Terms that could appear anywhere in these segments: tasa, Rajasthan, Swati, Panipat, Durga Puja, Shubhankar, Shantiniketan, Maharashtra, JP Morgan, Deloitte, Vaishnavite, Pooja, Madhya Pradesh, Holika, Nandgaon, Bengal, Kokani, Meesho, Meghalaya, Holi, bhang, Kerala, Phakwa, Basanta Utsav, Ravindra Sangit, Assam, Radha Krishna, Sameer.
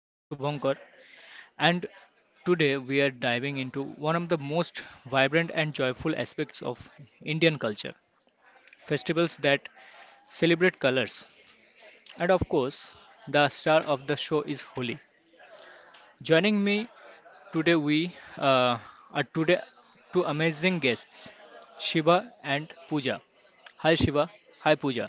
I am Shubhankar, and today we are diving into one of the most vibrant and joyful aspects of Indian culture festivals that celebrate colors. And of course, the star of the show is Holi. Joining me today, we uh, are today two amazing guests, Shiva and Pooja. Hi, Shiva. Hi, Pooja.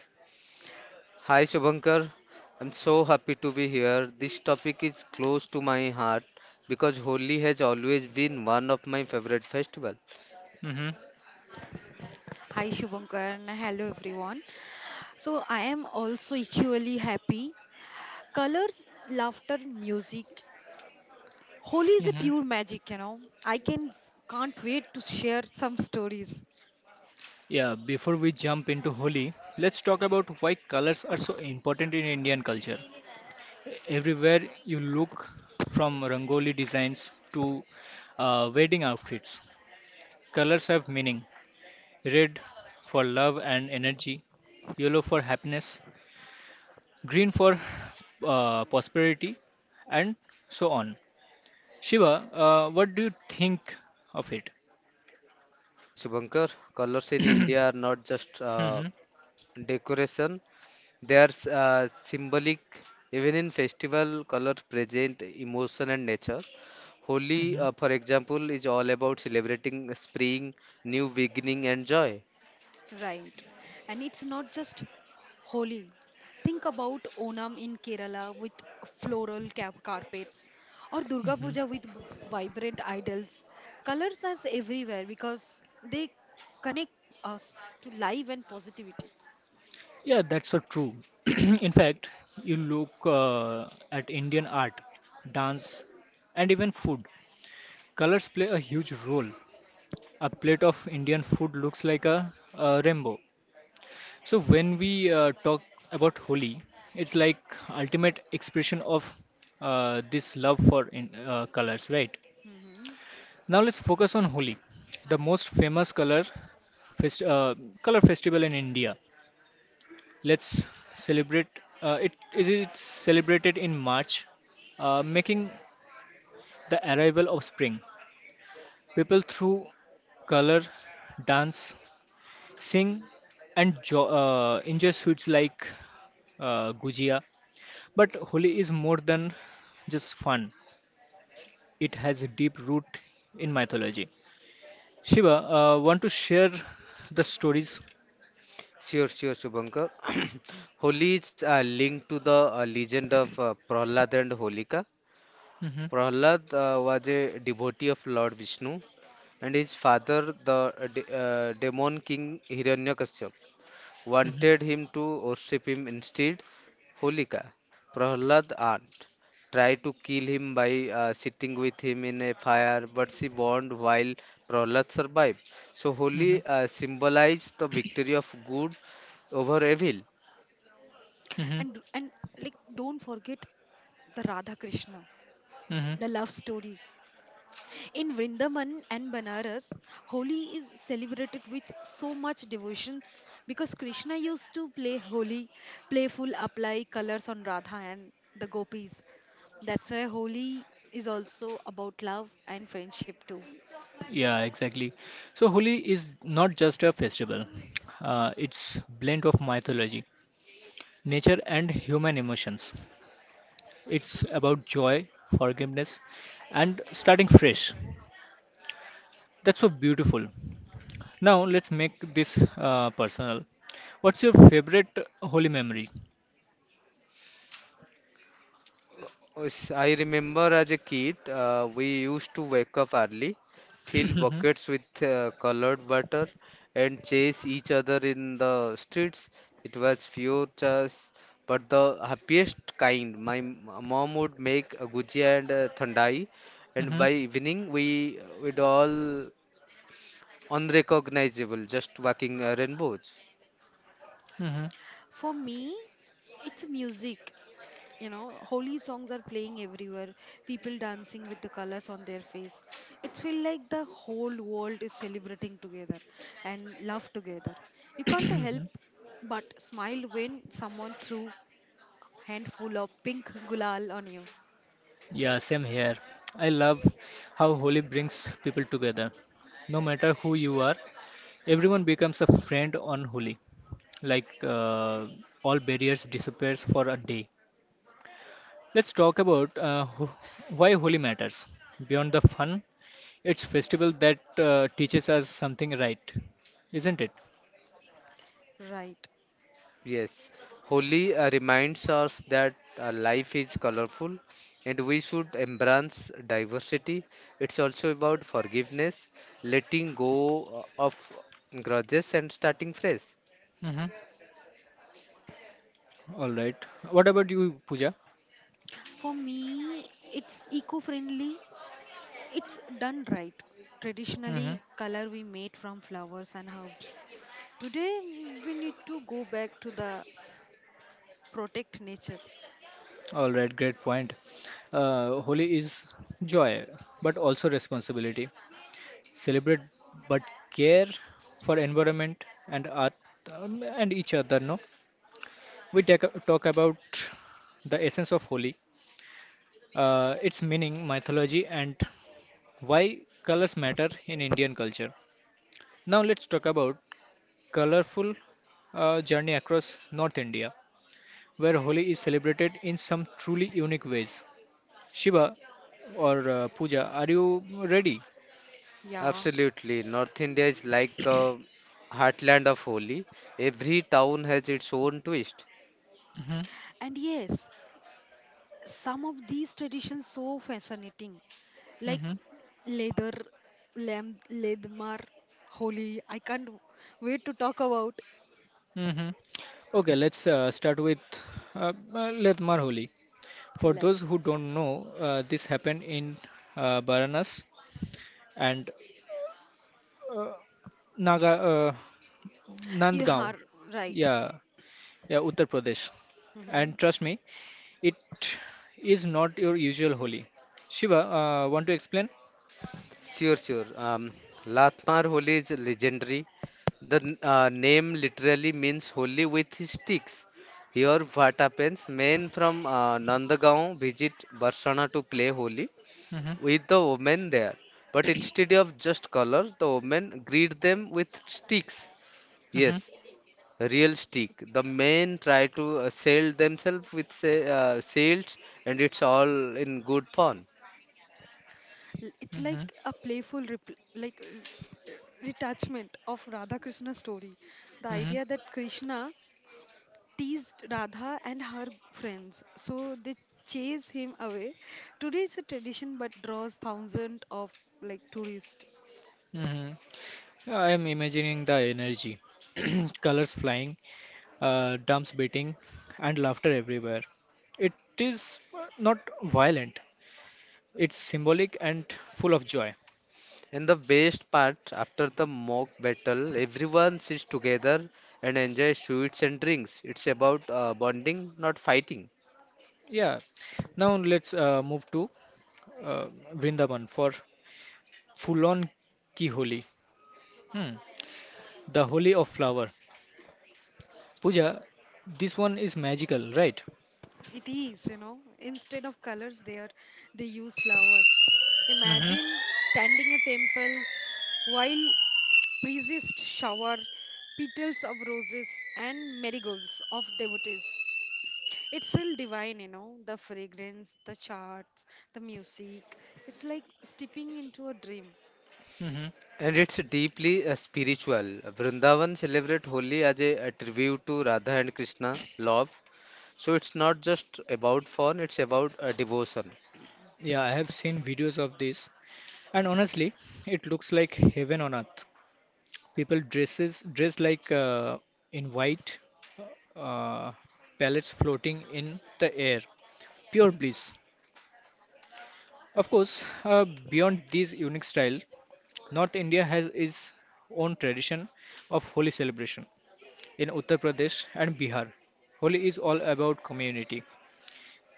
Hi Shubhankar, I'm so happy to be here. This topic is close to my heart because Holi has always been one of my favorite festival. hmm Hi Shubhankar and hello everyone. So I am also equally happy. Colors, laughter, music. Holi is a pure magic. I can't wait to share some stories. Yeah, before we jump into Holi, let's talk about why colors are so important in Indian culture. Everywhere you look, from Rangoli designs to wedding outfits, colors have meaning. Red for love and energy, yellow for happiness, green for prosperity, and so on. Shiva, what do you think of it? Absolutely Shubhankar, colors in India are not just hmm decoration, they are symbolic. Even in festival, colors present emotion and nature. Holi, hmm for example, is all about celebrating spring, new beginning and joy. Right. And it's not just Holi. Think about Onam in Kerala with floral carpets or Durga Puja with vibrant idols. Colors are everywhere because they connect us to life and positivity. Yeah, that's so true. In fact, you look at Indian art, dance, and even food. Colors play a huge role. A plate of Indian food looks like a rainbow. So when we talk about Holi, it's like ultimate expression of this love for colors, right? Mhm. Now let's focus on Holi, the most famous fest, uh, color festival in India. Let's celebrate. It is celebrated in March, making the arrival of spring. People through color, dance, sing, and enjoy sweets like gujia. But Holi is more than just fun. It has a deep root in mythology. Shiva, want to share the stories? Sure, sure, Shubhankar. Holi is linked to the legend of Prahlad and Holika. hmm Prahlad was a devotee of Lord Vishnu, and his father, the demon king Hiranyakashyap, hmm wanted him to worship him instead. Holika, Prahlad aunt, tried to kill him by sitting with him in a fire, but she burned while Prahlad survived. So hmm Holi symbolized the victory of good over evil. hmm And, like, don't forget the Radha Krishna, hmm the love story in Vrindavan and Banaras. Holi is celebrated with so much devotions because Krishna used to play Holi, playful apply colors on Radha and the gopis. That's why Holi is also about love and friendship too. Yeah, exactly. So Holi is not just a festival. It's blend of mythology, nature and human emotions. It's about joy, forgiveness and starting fresh. That's so beautiful. Now let's make this personal. What's your favorite Holi memory? Yes, I remember as a kid, we used to wake up early, fill buckets with colored water, and chase each other in the streets. It was pure chase, but the happiest kind. My mom would make a gujia and a thandai, Mhm, and mhm, by evening we would all unrecognizable, just walking rainbows. mhm. For me, it's music. Holy songs are playing everywhere, people dancing with the colors on their face. It feels like the whole world is celebrating together and love together. You can't help but smile when someone threw handful of pink gulal on you. Yeah, same here. I love how Holi brings people together. No matter who you are, everyone becomes a friend on Holi. Like all barriers disappears for a day. Let's talk about why Holi matters beyond the fun. It's festival that teaches us something, right, isn't it? Right. Yes, Holi reminds us that life is colorful and we should embrace diversity. It's also about forgiveness, letting go of grudges, and starting fresh. Mm-hmm. All right, what about you, Puja? For me, it's eco-friendly. It's done right. Mm-hmm. Traditionally color we made from flowers and herbs. Today we need to go back to the protect nature. All right, great point. Holi is joy, but also responsibility. Celebrate, but care for environment and earth and each other. No, we take, Talk about the essence of Holi, its meaning, mythology, and why colors matter in Indian culture. Now let's talk about colorful journey across North India, where Holi is celebrated in some truly unique ways. Shiva or Pooja, are you ready? Yeah. Absolutely, North India is like the heartland of Holi. Every town has its own twist. hmm And yes, some of these traditions so fascinating, like hmm leather, lamb, leadmar, holy. I can't wait to talk about. hmm Okay, let's start with Let Marholi. For Let. those who don't know, this happened in Baranas and Naga. You Nandgaon. are right. Yeah, yeah, Uttar Pradesh. hmm And trust me, it is not your usual Holi. Shiva, want to explain? Sure, sure. Latmar Holi is legendary. The name literally means holy with sticks. Here, what happens? Men from Nandagaon visit Barsana to play holy hmm with the women there. But instead of just colors, the women greet them with sticks. hmm Yes, real stick. The men try to sell themselves with sales, and it's all in good fun. It's hmm like a playful, like, retachment of Radha Krishna story. The hmm idea that Krishna teased Radha and her friends, so they chase him away. Today is a tradition, but draws thousands of like tourists. hmm I am imagining the energy, colors flying, drums beating, and laughter everywhere. It is not violent. It's symbolic and full of joy. In the best part, after the mock battle, everyone sits together and enjoys sweets and drinks. It's about bonding, not fighting. Yeah. Now let's move to uh, Vrindavan for full on ki holi. Hmm. The holy of flower. Pooja, this one is magical, right? It is, instead of colors there, they use flowers. Mm-hmm. Imagine standing a temple while priests shower petals of roses and marigolds of devotees. It's still divine, the fragrance, the charts, the music. It's like stepping into a dream. Mm-hmm. And it's deeply spiritual. Vrindavan celebrate Holi as a tribute to Radha and Krishna, love. So it's not just about fun, it's about devotion. Yeah, I have seen videos of this, and honestly, it looks like heaven on earth. People dresses Dress like in white, uh, pellets floating in the air. Pure bliss. Of course, beyond this unique style, North India has its own tradition of holy celebration in Uttar Pradesh and Bihar. Holi is all about community.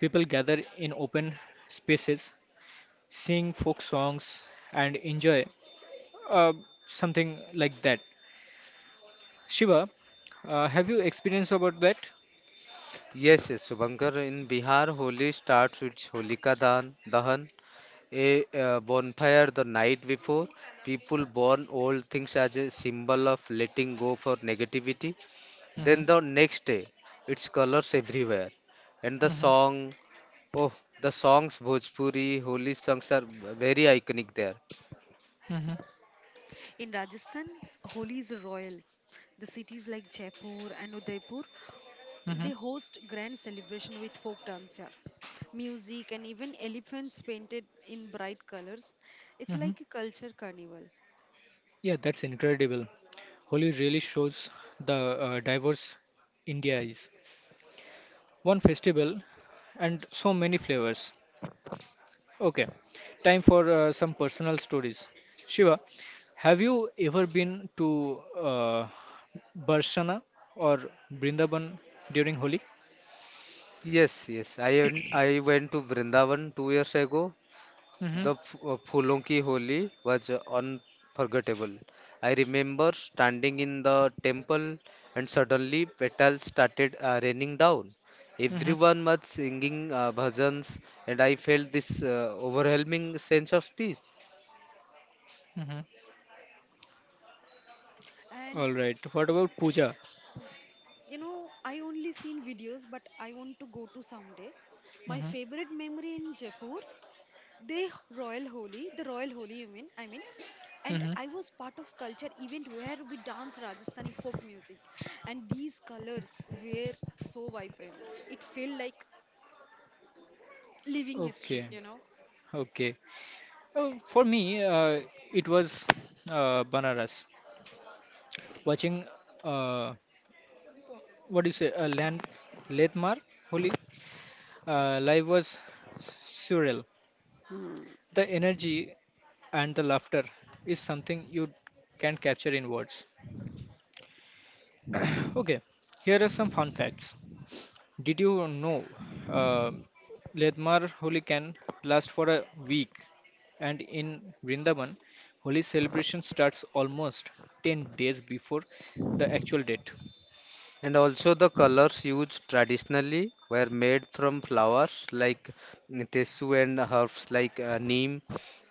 People gather in open spaces, sing folk songs, and enjoy uh, something like that. Shiva, have you experienced about that? Yes, yes, Subhankar, in Bihar, Holi starts with Holika Dahan, Dahan a bonfire the night before. People burn old things as a symbol of letting go for negativity. Then Mhm, the next day, it's colors everywhere. And the mhm, song, oh, the songs Bhojpuri, holy songs are very iconic there. mhm, In Rajasthan, Holi is royal. The cities like Jaipur and Udaipur, mhm, they host grand celebration with folk dancer, music, and even elephants painted in bright colors. It's mhm. like a culture carnival. Yeah, that's incredible. Holi really shows the diverse India is. One festival and so many flavors. Okay, time for some personal stories. Shiva, have you ever been to Barshana or Brindaban during Holi? Yes, yes. I went to Vrindavan two years ago. Mm-hmm, The Phulon Ki Holi was unforgettable. I remember standing in the temple and suddenly petals started raining down. mm-hmm, Everyone was singing bhajans, and I felt this overwhelming sense of peace. mm-hmm. And All right. What about Puja? you know, I only seen videos, but I want to go to someday. My Mm-hmm, favorite memory in Jaipur. The royal holy, you mean? I mean, and mm-hmm. I was part of culture event where we dance Rajasthani folk music, and these colors were so vibrant. It felt like living history, Okay, you know. okay. For me, it was Banaras. Watching, uh, what do you say, Land Letmar Holi live was surreal. Hmm, The energy and the laughter is something you can't capture in words. Okay, here are some fun facts. Did you know uh, Ledmar Holi can last for a week? And in Vrindavan, Holi celebration starts almost 10 days before the actual date. And also, the colors used traditionally were made from flowers like tesu and herbs like neem.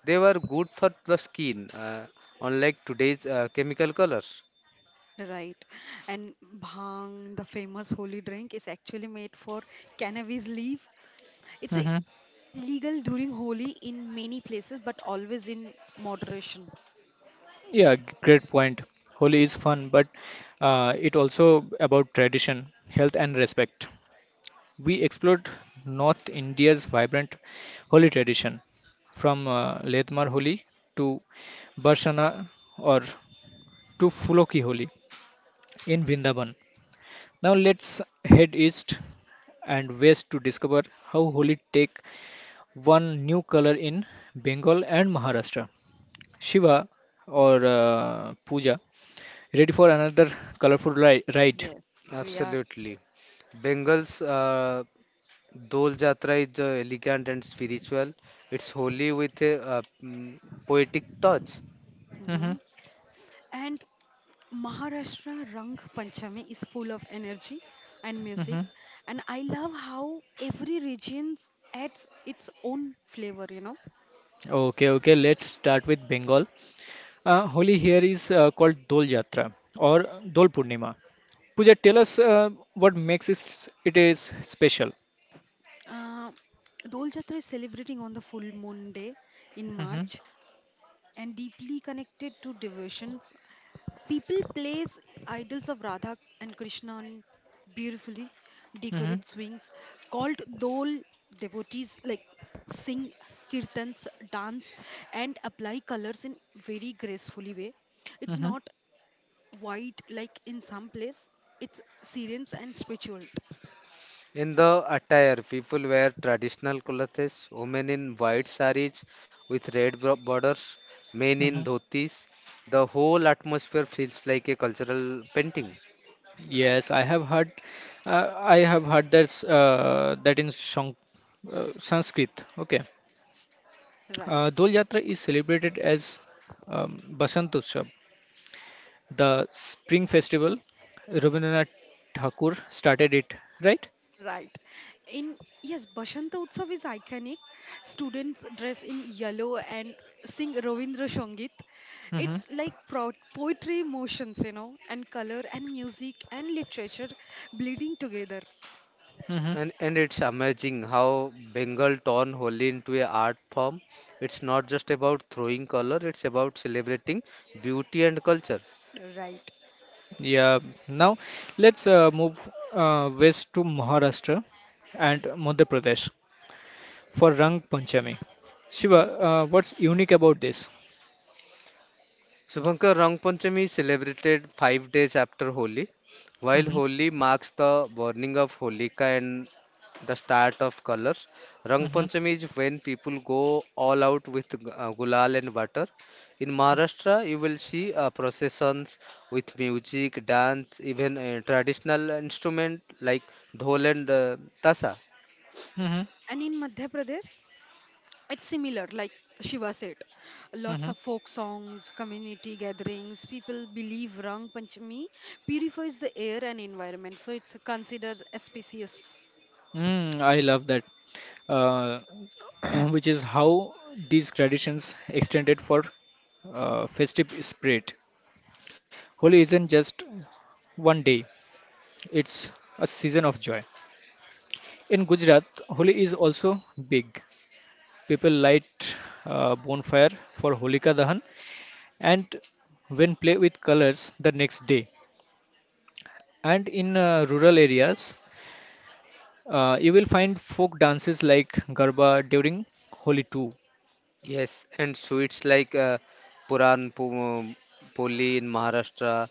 They were good for the skin, unlike today's chemical colors. right. And bhang, the famous holy drink, is actually made for cannabis leaf. It's a hmm legal during Holi in many places, but always in moderation. Yeah, great point. Holi is fun, but it also about tradition, health, and respect. We explored North India's vibrant Holi tradition, from Letmar Holi to Barsana or to Fuloki Holi in Vrindavan. Now let's head east and west to discover how Holi take one new color in Bengal and Maharashtra. Shiva or Puja, ready for another colorful ride? Yes, we are. Absolutely. Bengal's Dol Jatra is elegant and spiritual. It's holy with a poetic touch. hmm hmm And Maharashtra Rang Panchami is full of energy and mm music, hmm and I love how every region adds its own flavor. Okay, okay, let's start with Bengal. Holi here is called Dol Yatra or Dol Purnima. Pooja, tell us what makes it is special. uh, Dol Jatra is celebrating on the full moon day in hmm March, and deeply connected to devotions. People place idols of Radha and Krishna on beautifully hmm decorated swings called dole. Devotees like sing kirtans, dance, and apply colors in very gracefully way. It's hmm not white like in some place. It's serene and spiritual. In the attire, people wear traditional clothes, women in white saris with red borders, men in hmm dhotis. The whole atmosphere feels like a cultural painting. Right, Yes, I have heard. I have heard that that in Shang, Sanskrit. Okay, right. Dol Yatra is celebrated as Basant Utsav, the spring festival. Rabindranath Thakur started it, right? Right. In, yes, Bashanta Utsav is iconic. Students dress in yellow and sing Ravindra Sangit. Mm-hmm. It's like poetry, emotions, and color and music and literature bleeding together. And it's amazing how Bengal turned wholly into a art form. It's not just about throwing color, it's about celebrating beauty and culture. Right. Yeah, now let's move west to Maharashtra and Madhya Pradesh for Rang Panchami. Shiva, hmm what's unique about this? Subhankar, Rang Panchami is celebrated five days after Holi. While hmm Holi marks the burning of Holika and the start of colors, Rang hmm Panchami is when people go all out with gulal and water. In Maharashtra, you will see processions with music, dance, even traditional instrument like dhol and tasa. hmm And in Madhya Pradesh, it's similar, like Shiva said. Lots hmm of folk songs, community gatherings. People believe Rang Panchami purifies the air and environment, so it's considered auspicious. Mm, I love that, uh, which is how these traditions extended for festive spirit. Holi isn't just one day; it's a season of joy. In Gujarat, Holi is also big. People light bonfire for Holika Dahan and when play with colors the next day. And in rural areas, you will find folk dances like Garba during Holi too. Yes, and sweets like Puran Pu- uh, Poli in Maharashtra,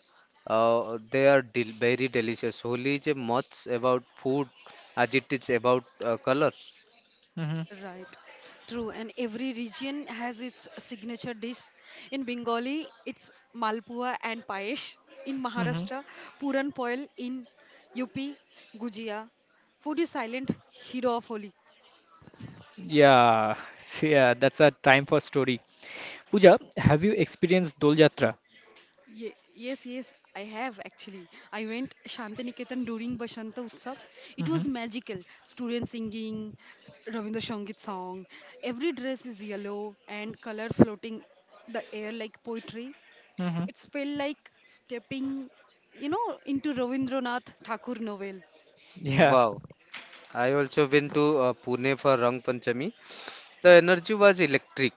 they are del very delicious. Holi is much about food as it is about color. hmm Right, true. And every region has its signature dish. In Bengali, it's Malpua and Payesh. In hmm Maharashtra, Puran Poil. In UP, Gujia. Food is silent hero of Holi. Yeah, yeah, that's a time for story. Pooja, have you experienced Dol Jatra? Yes, yes, I have actually. I went Shantiniketan during Basanta Utsav. It was hmm magical. Students singing Ravindra Sangit song. Every dress is yellow and color floating the air like poetry. hmm It's felt like stepping into Ravindranath Thakur novel. Yeah. Wow, I also went to Pune for Rang Panchami. The energy was electric.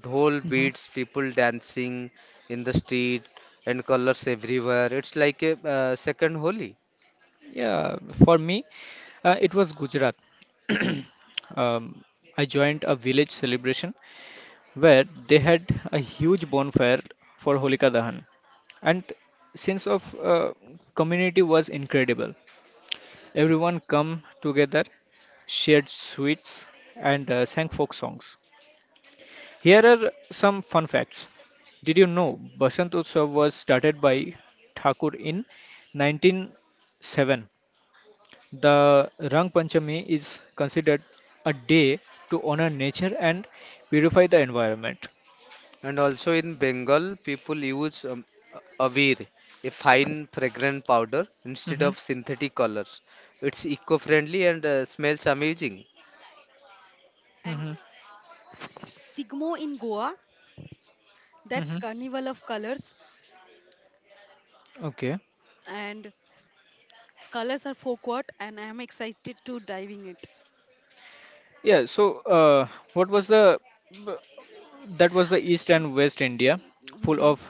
Dhol beats, people dancing in the street, and colors everywhere. It's like a second Holi. Yeah, for me, it was Gujarat. Um, I joined a village celebration where they had a huge bonfire for Holika Dahan, and sense of community was incredible. Everyone come together, shared sweets, and sang folk songs. Here are some fun facts. Did you know Basant Utsav was started by Thakur in 1907 the Rang Panchami is considered a day to honor nature and purify the environment. And also in Bengal, people use Avir, a fine fragrant powder, instead hmm of synthetic colors. It's eco-friendly and smells amazing. And hmm Sigmo in Goa, that's hmm Carnival of Colors, Okay. and colors are folk art, and I am excited to diving it. Yeah. So, what was the? B- That was the East and West India, full hmm of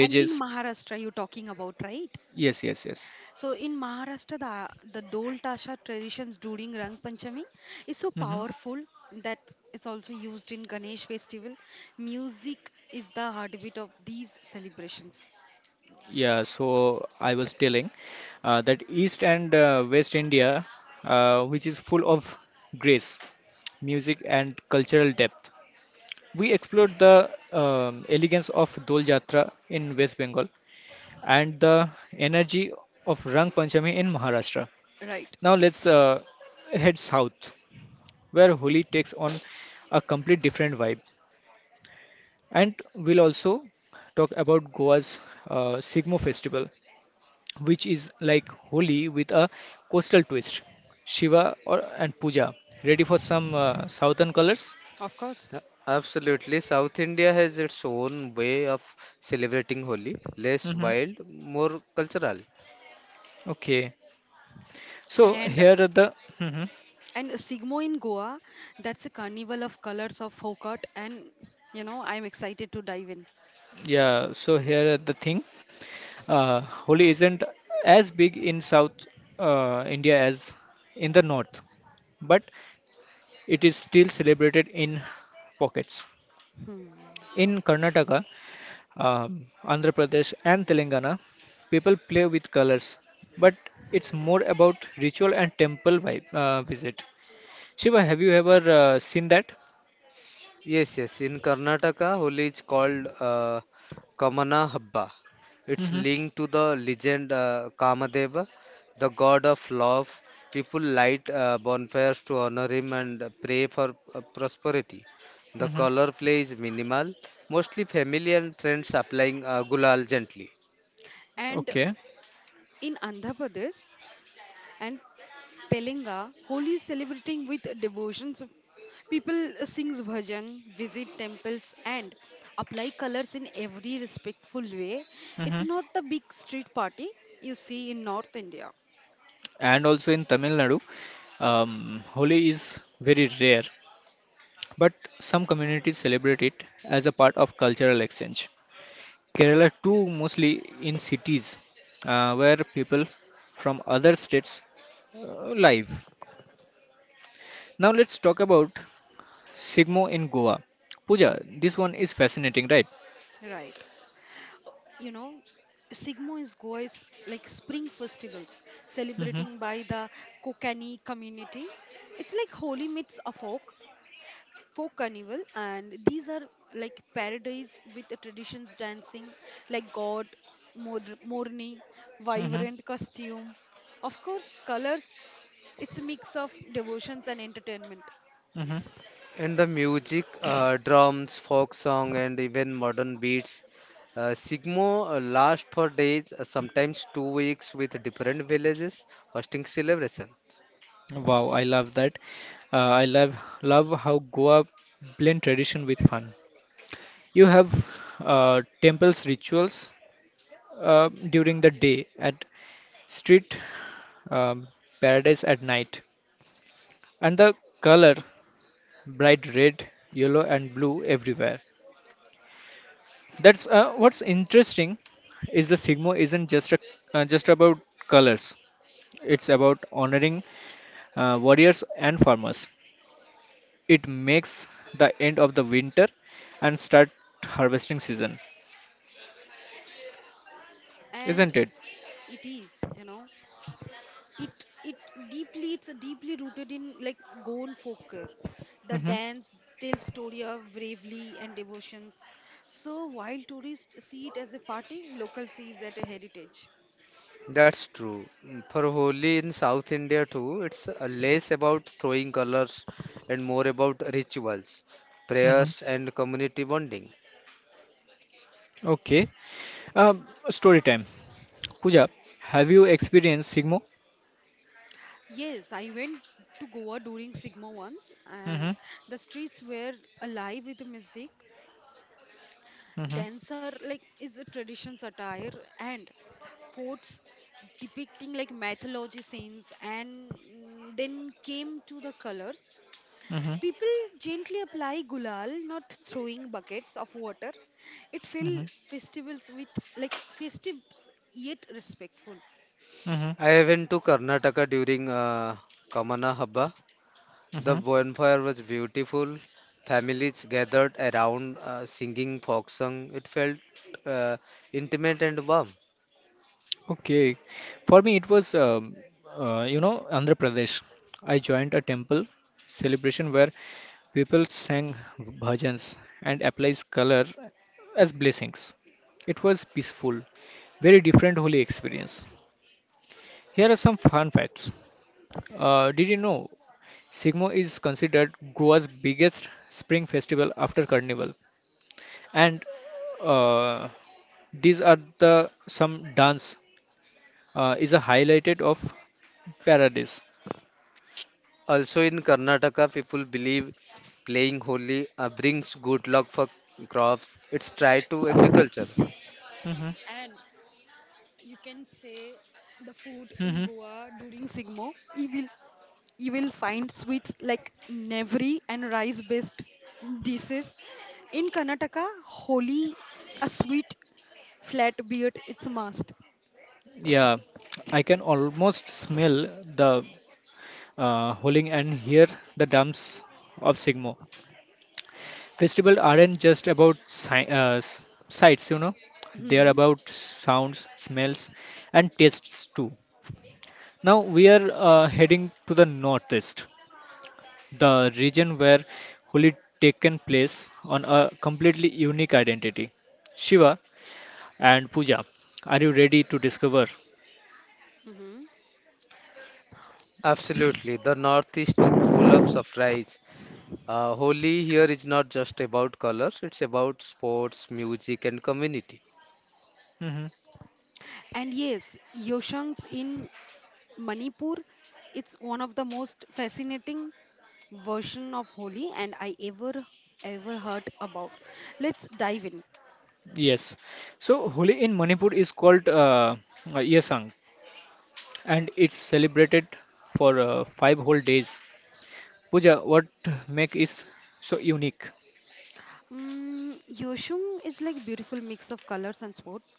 And in Maharashtra, you're talking about, right? Yes. Yes. Yes. So in Maharashtra, the Dol Tasha traditions during Rang Panchami is so hmm powerful that it's also used in Ganesh festival. Music is the heartbeat of these celebrations. Yeah. So I was telling that East and West India, which is full of grace, music, and cultural depth. We explored the elegance of Dol Jatra in West Bengal and the energy of Rang Panchami in Maharashtra. Right, Now let's head south, where Holi takes on a complete different vibe. And we'll also talk about Goa's Sigmo festival, which is like Holi with a coastal twist. Shiva or, and Puja. Ready for some southern colors? of course. Uh, Absolutely, South India has its own way of celebrating Holi, less hmm wild, more cultural. Okay. So And here are the Mhm. and Sigmo in Goa, that's a carnival of colors of folk art, and I'm excited to dive in. Yeah, so here are the thing. Holi isn't as big in South India as in the North, but it is still celebrated in pockets. Hmm. In Karnataka, Andhra Pradesh, and Telangana, people play with colors, but it's more about ritual and temple vibe, visit. Shiva, have you ever seen that? Yes, yes. In Karnataka, Holi is called Kamana Habba. It's Mm-hmm. linked to the legend Kamadeva, the god of love. People light bonfires to honor him and pray for prosperity. The Mm-hmm. color play is minimal, mostly family and friends applying gulal gently. And Okay. in Andhra Pradesh, and Telenga, Holi is celebrating with devotions. People sings bhajan, visit temples, and apply colors in every respectful way. It's Mm-hmm. not the big street party you see in North India, And also in Tamil Nadu, Holi is very rare, but some communities celebrate it as a part of cultural exchange. Kerala too, mostly in cities where people from other states live. Now let's talk about Sigmo in Goa. Pooja, this one is fascinating, right? right? Uh, you know Sigmo is Goa's like spring festivals Mm-hmm, celebrating by the Kokani community. It's like holy meets a folk carnival, and these are like paradise with the traditions dancing like god, morni, mm-hmm, vibrant costume, of course colors. It's a mix of devotions and entertainment. mm-hmm. And the music, drums, folk song, and even modern beats. Sigmo last for days, sometimes two weeks, with different villages hosting celebration. Wow, I love that. I love Love how Goa blend tradition with fun. You have temples rituals during the day at street um, paradise at night, and the color bright red yellow and blue everywhere. That's what's interesting is the Sigmo isn't just just about colors. It's about honoring warriors and farmers. It makes the end of the winter and start harvesting season, And isn't it? it is you know it it deeply it's deeply rooted in like Goan folklore. The Mm-hmm. dance tells story of bravery and devotions, so while tourists see it as a party, locals see it as a heritage. That's true. For Holi in South India too, it's less about throwing colors and more about rituals, Mm-hmm. prayers, and community bonding. Okay. Story time. Pooja, have you experienced Sigmo? Yes, I went to Goa during Sigma once, and Mm-hmm. the streets were alive with the music. Mm-hmm. Dancer like is a tradition satire and forts depicting like mythology scenes and, mm, then came to the colors. Mm-hmm. People gently apply gulal, not throwing buckets of water. It Mm-hmm. filled festivals with, like, festives yet respectful. Mm-hmm. I went to Karnataka during Kamana Habba. The Mm-hmm. bonfire was beautiful. Families gathered around singing folk song. It felt uh, intimate and warm. Okay. For me, it was, you know, Andhra Pradesh. I joined a temple celebration where people sang bhajans and applies color as blessings. It was peaceful, very different holy experience. Here are some fun facts. Did you know Sigmo is considered Goa's biggest spring festival after Carnival? And uh, these are the some dance is a highlighted of paradise. Also in Karnataka, people believe playing Holi brings good luck for crops. It's tied to agriculture. hmm And you can say the food in hmm Goa during Sigmo, you will find sweets like navri and rice based dishes. In Karnataka, Holi, a sweet flat beard, it's a must. Yeah, I can almost smell the howling and hear the drums of Sigmo. Festivals aren't just about sights, you know, they're Hmm. about sounds, smells, and tastes too. Now we are heading to the northeast, the region where Holi taken place on a completely unique identity. Shiva and Puja, are you ready to discover? Mm-hmm. Absolutely, the Northeast is full of surprise. Holi here is not just about colors; it's about sports, music, and community. hmm And yes, Yoshangs in Manipur, it's one of the most fascinating version of Holi, and I ever heard about. Let's dive in. Yes. So Holi in Manipur is called Yesang, and it's celebrated for 5 whole days. Puja, what make is so unique? Yoshung is like beautiful mix of colors and sports.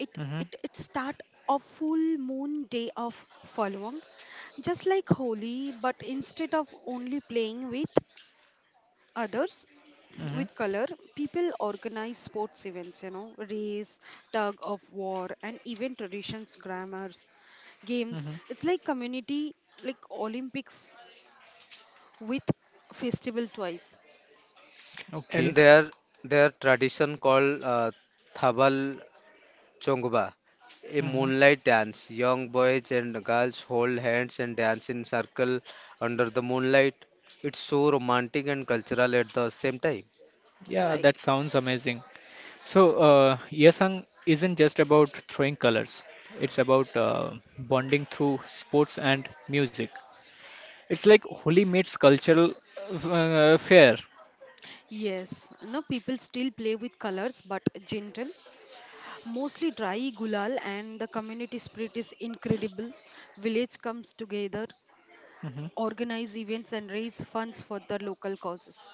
It Mm-hmm, it start a full moon day of following, just like Holi, but instead of only playing with others mm-hmm, with color, people organize sports events. Race, tug of war, and even traditions, grammars, games. mm-hmm. It's like community like Olympics with festival twice, And Okay. their tradition called Thabal Chongba, a Mm-hmm. moonlight dance. Young boys and girls hold hands and dance in circle under the moonlight. It's so romantic and cultural at the same time. Yeah, right? that sounds amazing. So, Yesang isn't just about throwing colors. It's about bonding through sports and music. It's like Holi meets cultural fair. Yes, no, people still play with colors, but gentle. Mostly dry gulal, and the community spirit is incredible. Village comes together, organize events, and raise funds for the local causes.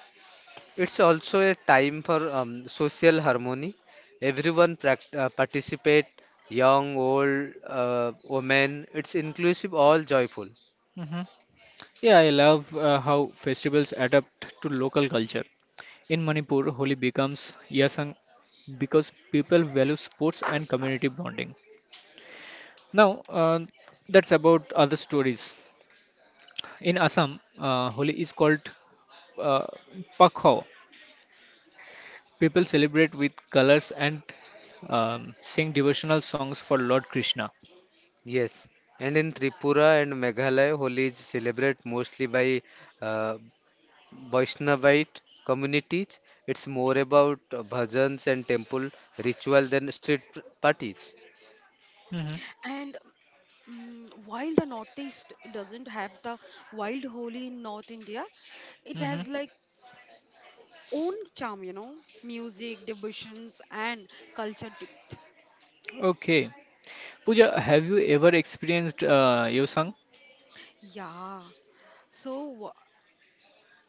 It's also a time for social harmony. Everyone participate, young, old, women. It's inclusive, all joyful. Mm-hmm. Yeah, I love how festivals adapt to local culture. In Manipur, Holi becomes Yasang because people value sports and community bonding. Now, that's about other stories. In Assam, Holi is called uh, Pakho. People celebrate with colors and sing devotional songs for Lord Krishna. Yes. And in Tripura and Meghalaya, Holi is celebrated mostly by uh, Vaishnavite communities, it's more about bhajans and temple ritual than street parties. hmm And while the Northeast doesn't have the wild Holi in North India, it hmm has like own charm, music, devotions, and culture depth. Okay. Pooja, have you ever experienced Yosang? Yeah. So,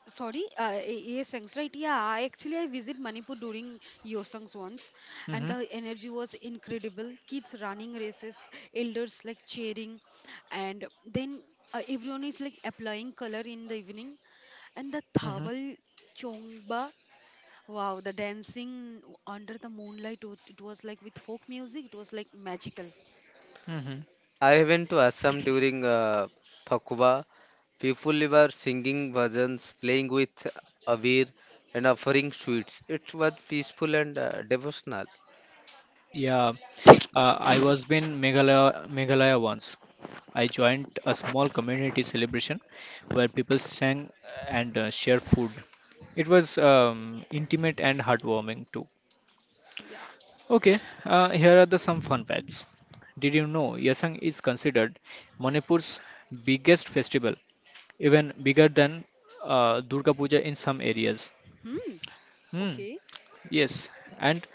sorry, yes, thanks, right? Yeah, I actually I visit Manipur during Yosangs once, and Mm-hmm. the energy was incredible. Kids running races, elders like cheering, and then, everyone is like applying color in the evening, and the Mm-hmm. thabal chongba. Wow, the dancing under the moonlight, it was like with folk music, it was like magical. Mm-hmm. I went to Assam during Phakwa. People were singing bhajans, playing with avir, and offering sweets. It was peaceful and devotional. Yeah, I was in Meghalaya, Meghalaya once. I joined a small community celebration where people sang and shared food. It was intimate and heartwarming too. Yeah. Okay, here are the some fun facts. Did you know Yasang is considered Manipur's biggest festival, even bigger than Durga Puja in some areas? Hmm. Hmm. Okay. Yes, and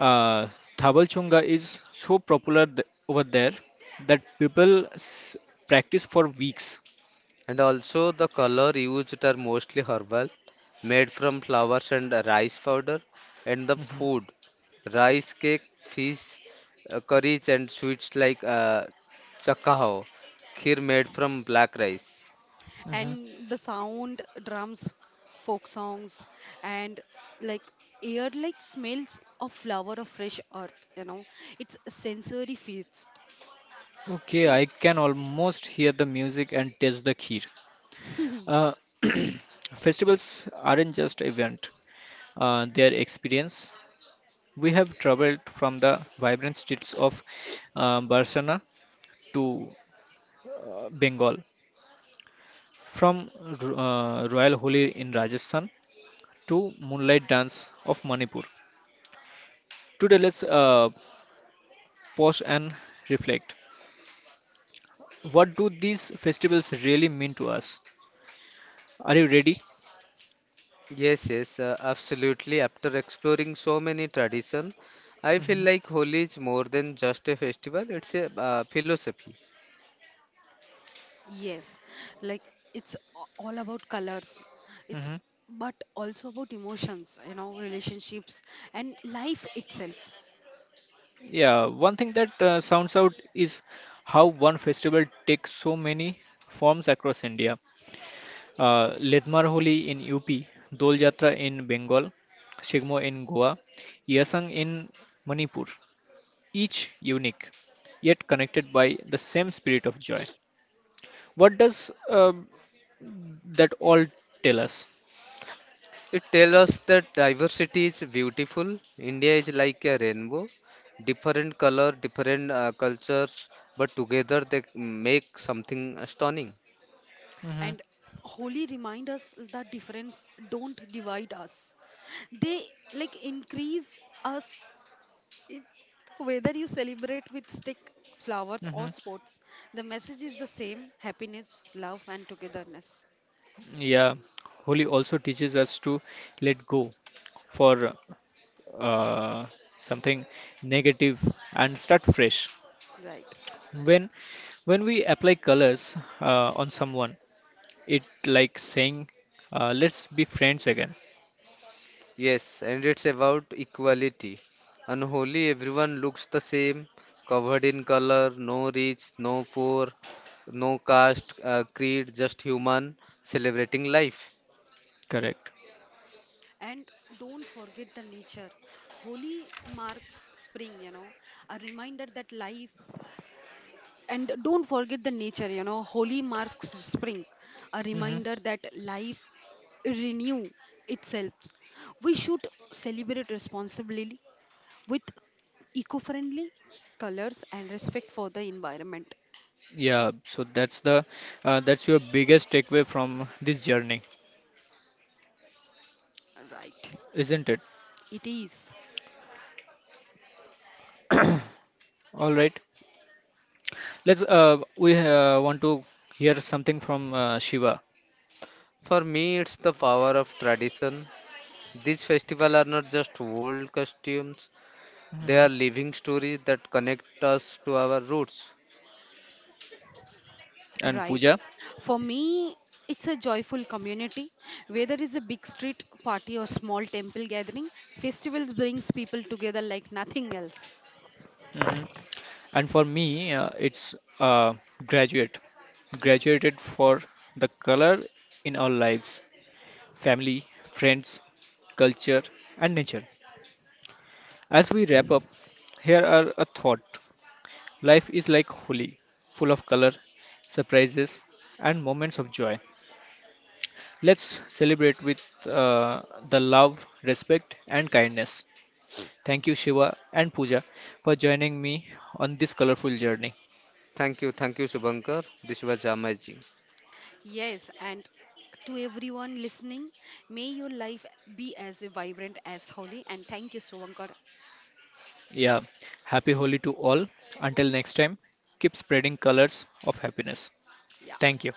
uh, Thabal Chunga is so popular th over there that people s practice for weeks. And also the color used are mostly herbal, made from flowers and rice powder, and the hmm food, rice cake, fish, curries and sweets like chakao, kheer made from black rice. hmm And the sound drums, folk songs, and like air like smells of flower of fresh earth, it's a sensory feast. Okay, I can almost hear the music and taste the kheer. Uh, festivals aren't just event, they are experience. We have traveled from the vibrant streets of Barcelona to Bengal, from Royal Holi in Rajasthan to Moonlight Dance of Manipur. Today, let's pause and reflect. What do these festivals really mean to us? Are you ready? Yes, yes, absolutely. After exploring so many tradition, I feel hmm like Holi is more than just a festival, it's a philosophy. Yes, like it's all about colors. It's hmm but also about emotions, relationships and life itself. Yeah, one thing that sounds out is how one festival takes so many forms across India. Ledmar Holi in UP, Dol Jatra in Bengal, Shigmo in Goa, Yasang in Manipur. Each unique, yet connected by the same spirit of joy. What does that all tell us? It tells us that diversity is beautiful. India is like a rainbow, different color, different cultures, but together they make something stunning. hmm And holy remind us that difference don't divide us. They like increase us. It, whether you celebrate with stick, flowers, or hmm sports, the message is the same happiness, love, and togetherness. Yeah, Holi also teaches us to let go for uh, something negative and start fresh. Right. When when we apply colors on someone, it like saying, "Let's be friends again." Yes, and it's about equality. On Holi, everyone looks the same, covered in color, no rich, no poor, no caste, creed, just human, celebrating life. Correct. And don't forget the nature. Holi marks spring, a reminder that life. And don't forget the nature, Holi marks spring, a hmm reminder that life renew itself. We should celebrate responsibly with eco-friendly colors and respect for the environment. Yeah. So that's the that's your biggest takeaway from this journey, Right. isn't it? It is. All right. Let's we want to hear something from Shiva For me, it's the power of tradition. These festivals are not just old costumes. They hmm are living stories that connect us to our roots. and Right. Pooja. For me, it's a joyful community. Whether it's a big street party or small temple gathering, festivals brings people together like nothing else. hmm And for me, it's graduate. Graduated for the color in our lives, family, friends, culture, and nature. As we wrap up, here are a thought. Life is like Holi, full of color, surprises, and moments of joy. Let's celebrate with the love, respect, and kindness. Thank you, Shiva and Pooja, for joining me on this colorful journey. Thank you, Shubhankar. This was amazing. Yes, and to everyone listening, may your life be as vibrant as holy. And thank you, Suvankar. Yeah, happy Holi to all. Until next time, keep spreading colors of happiness. Yeah. Thank you.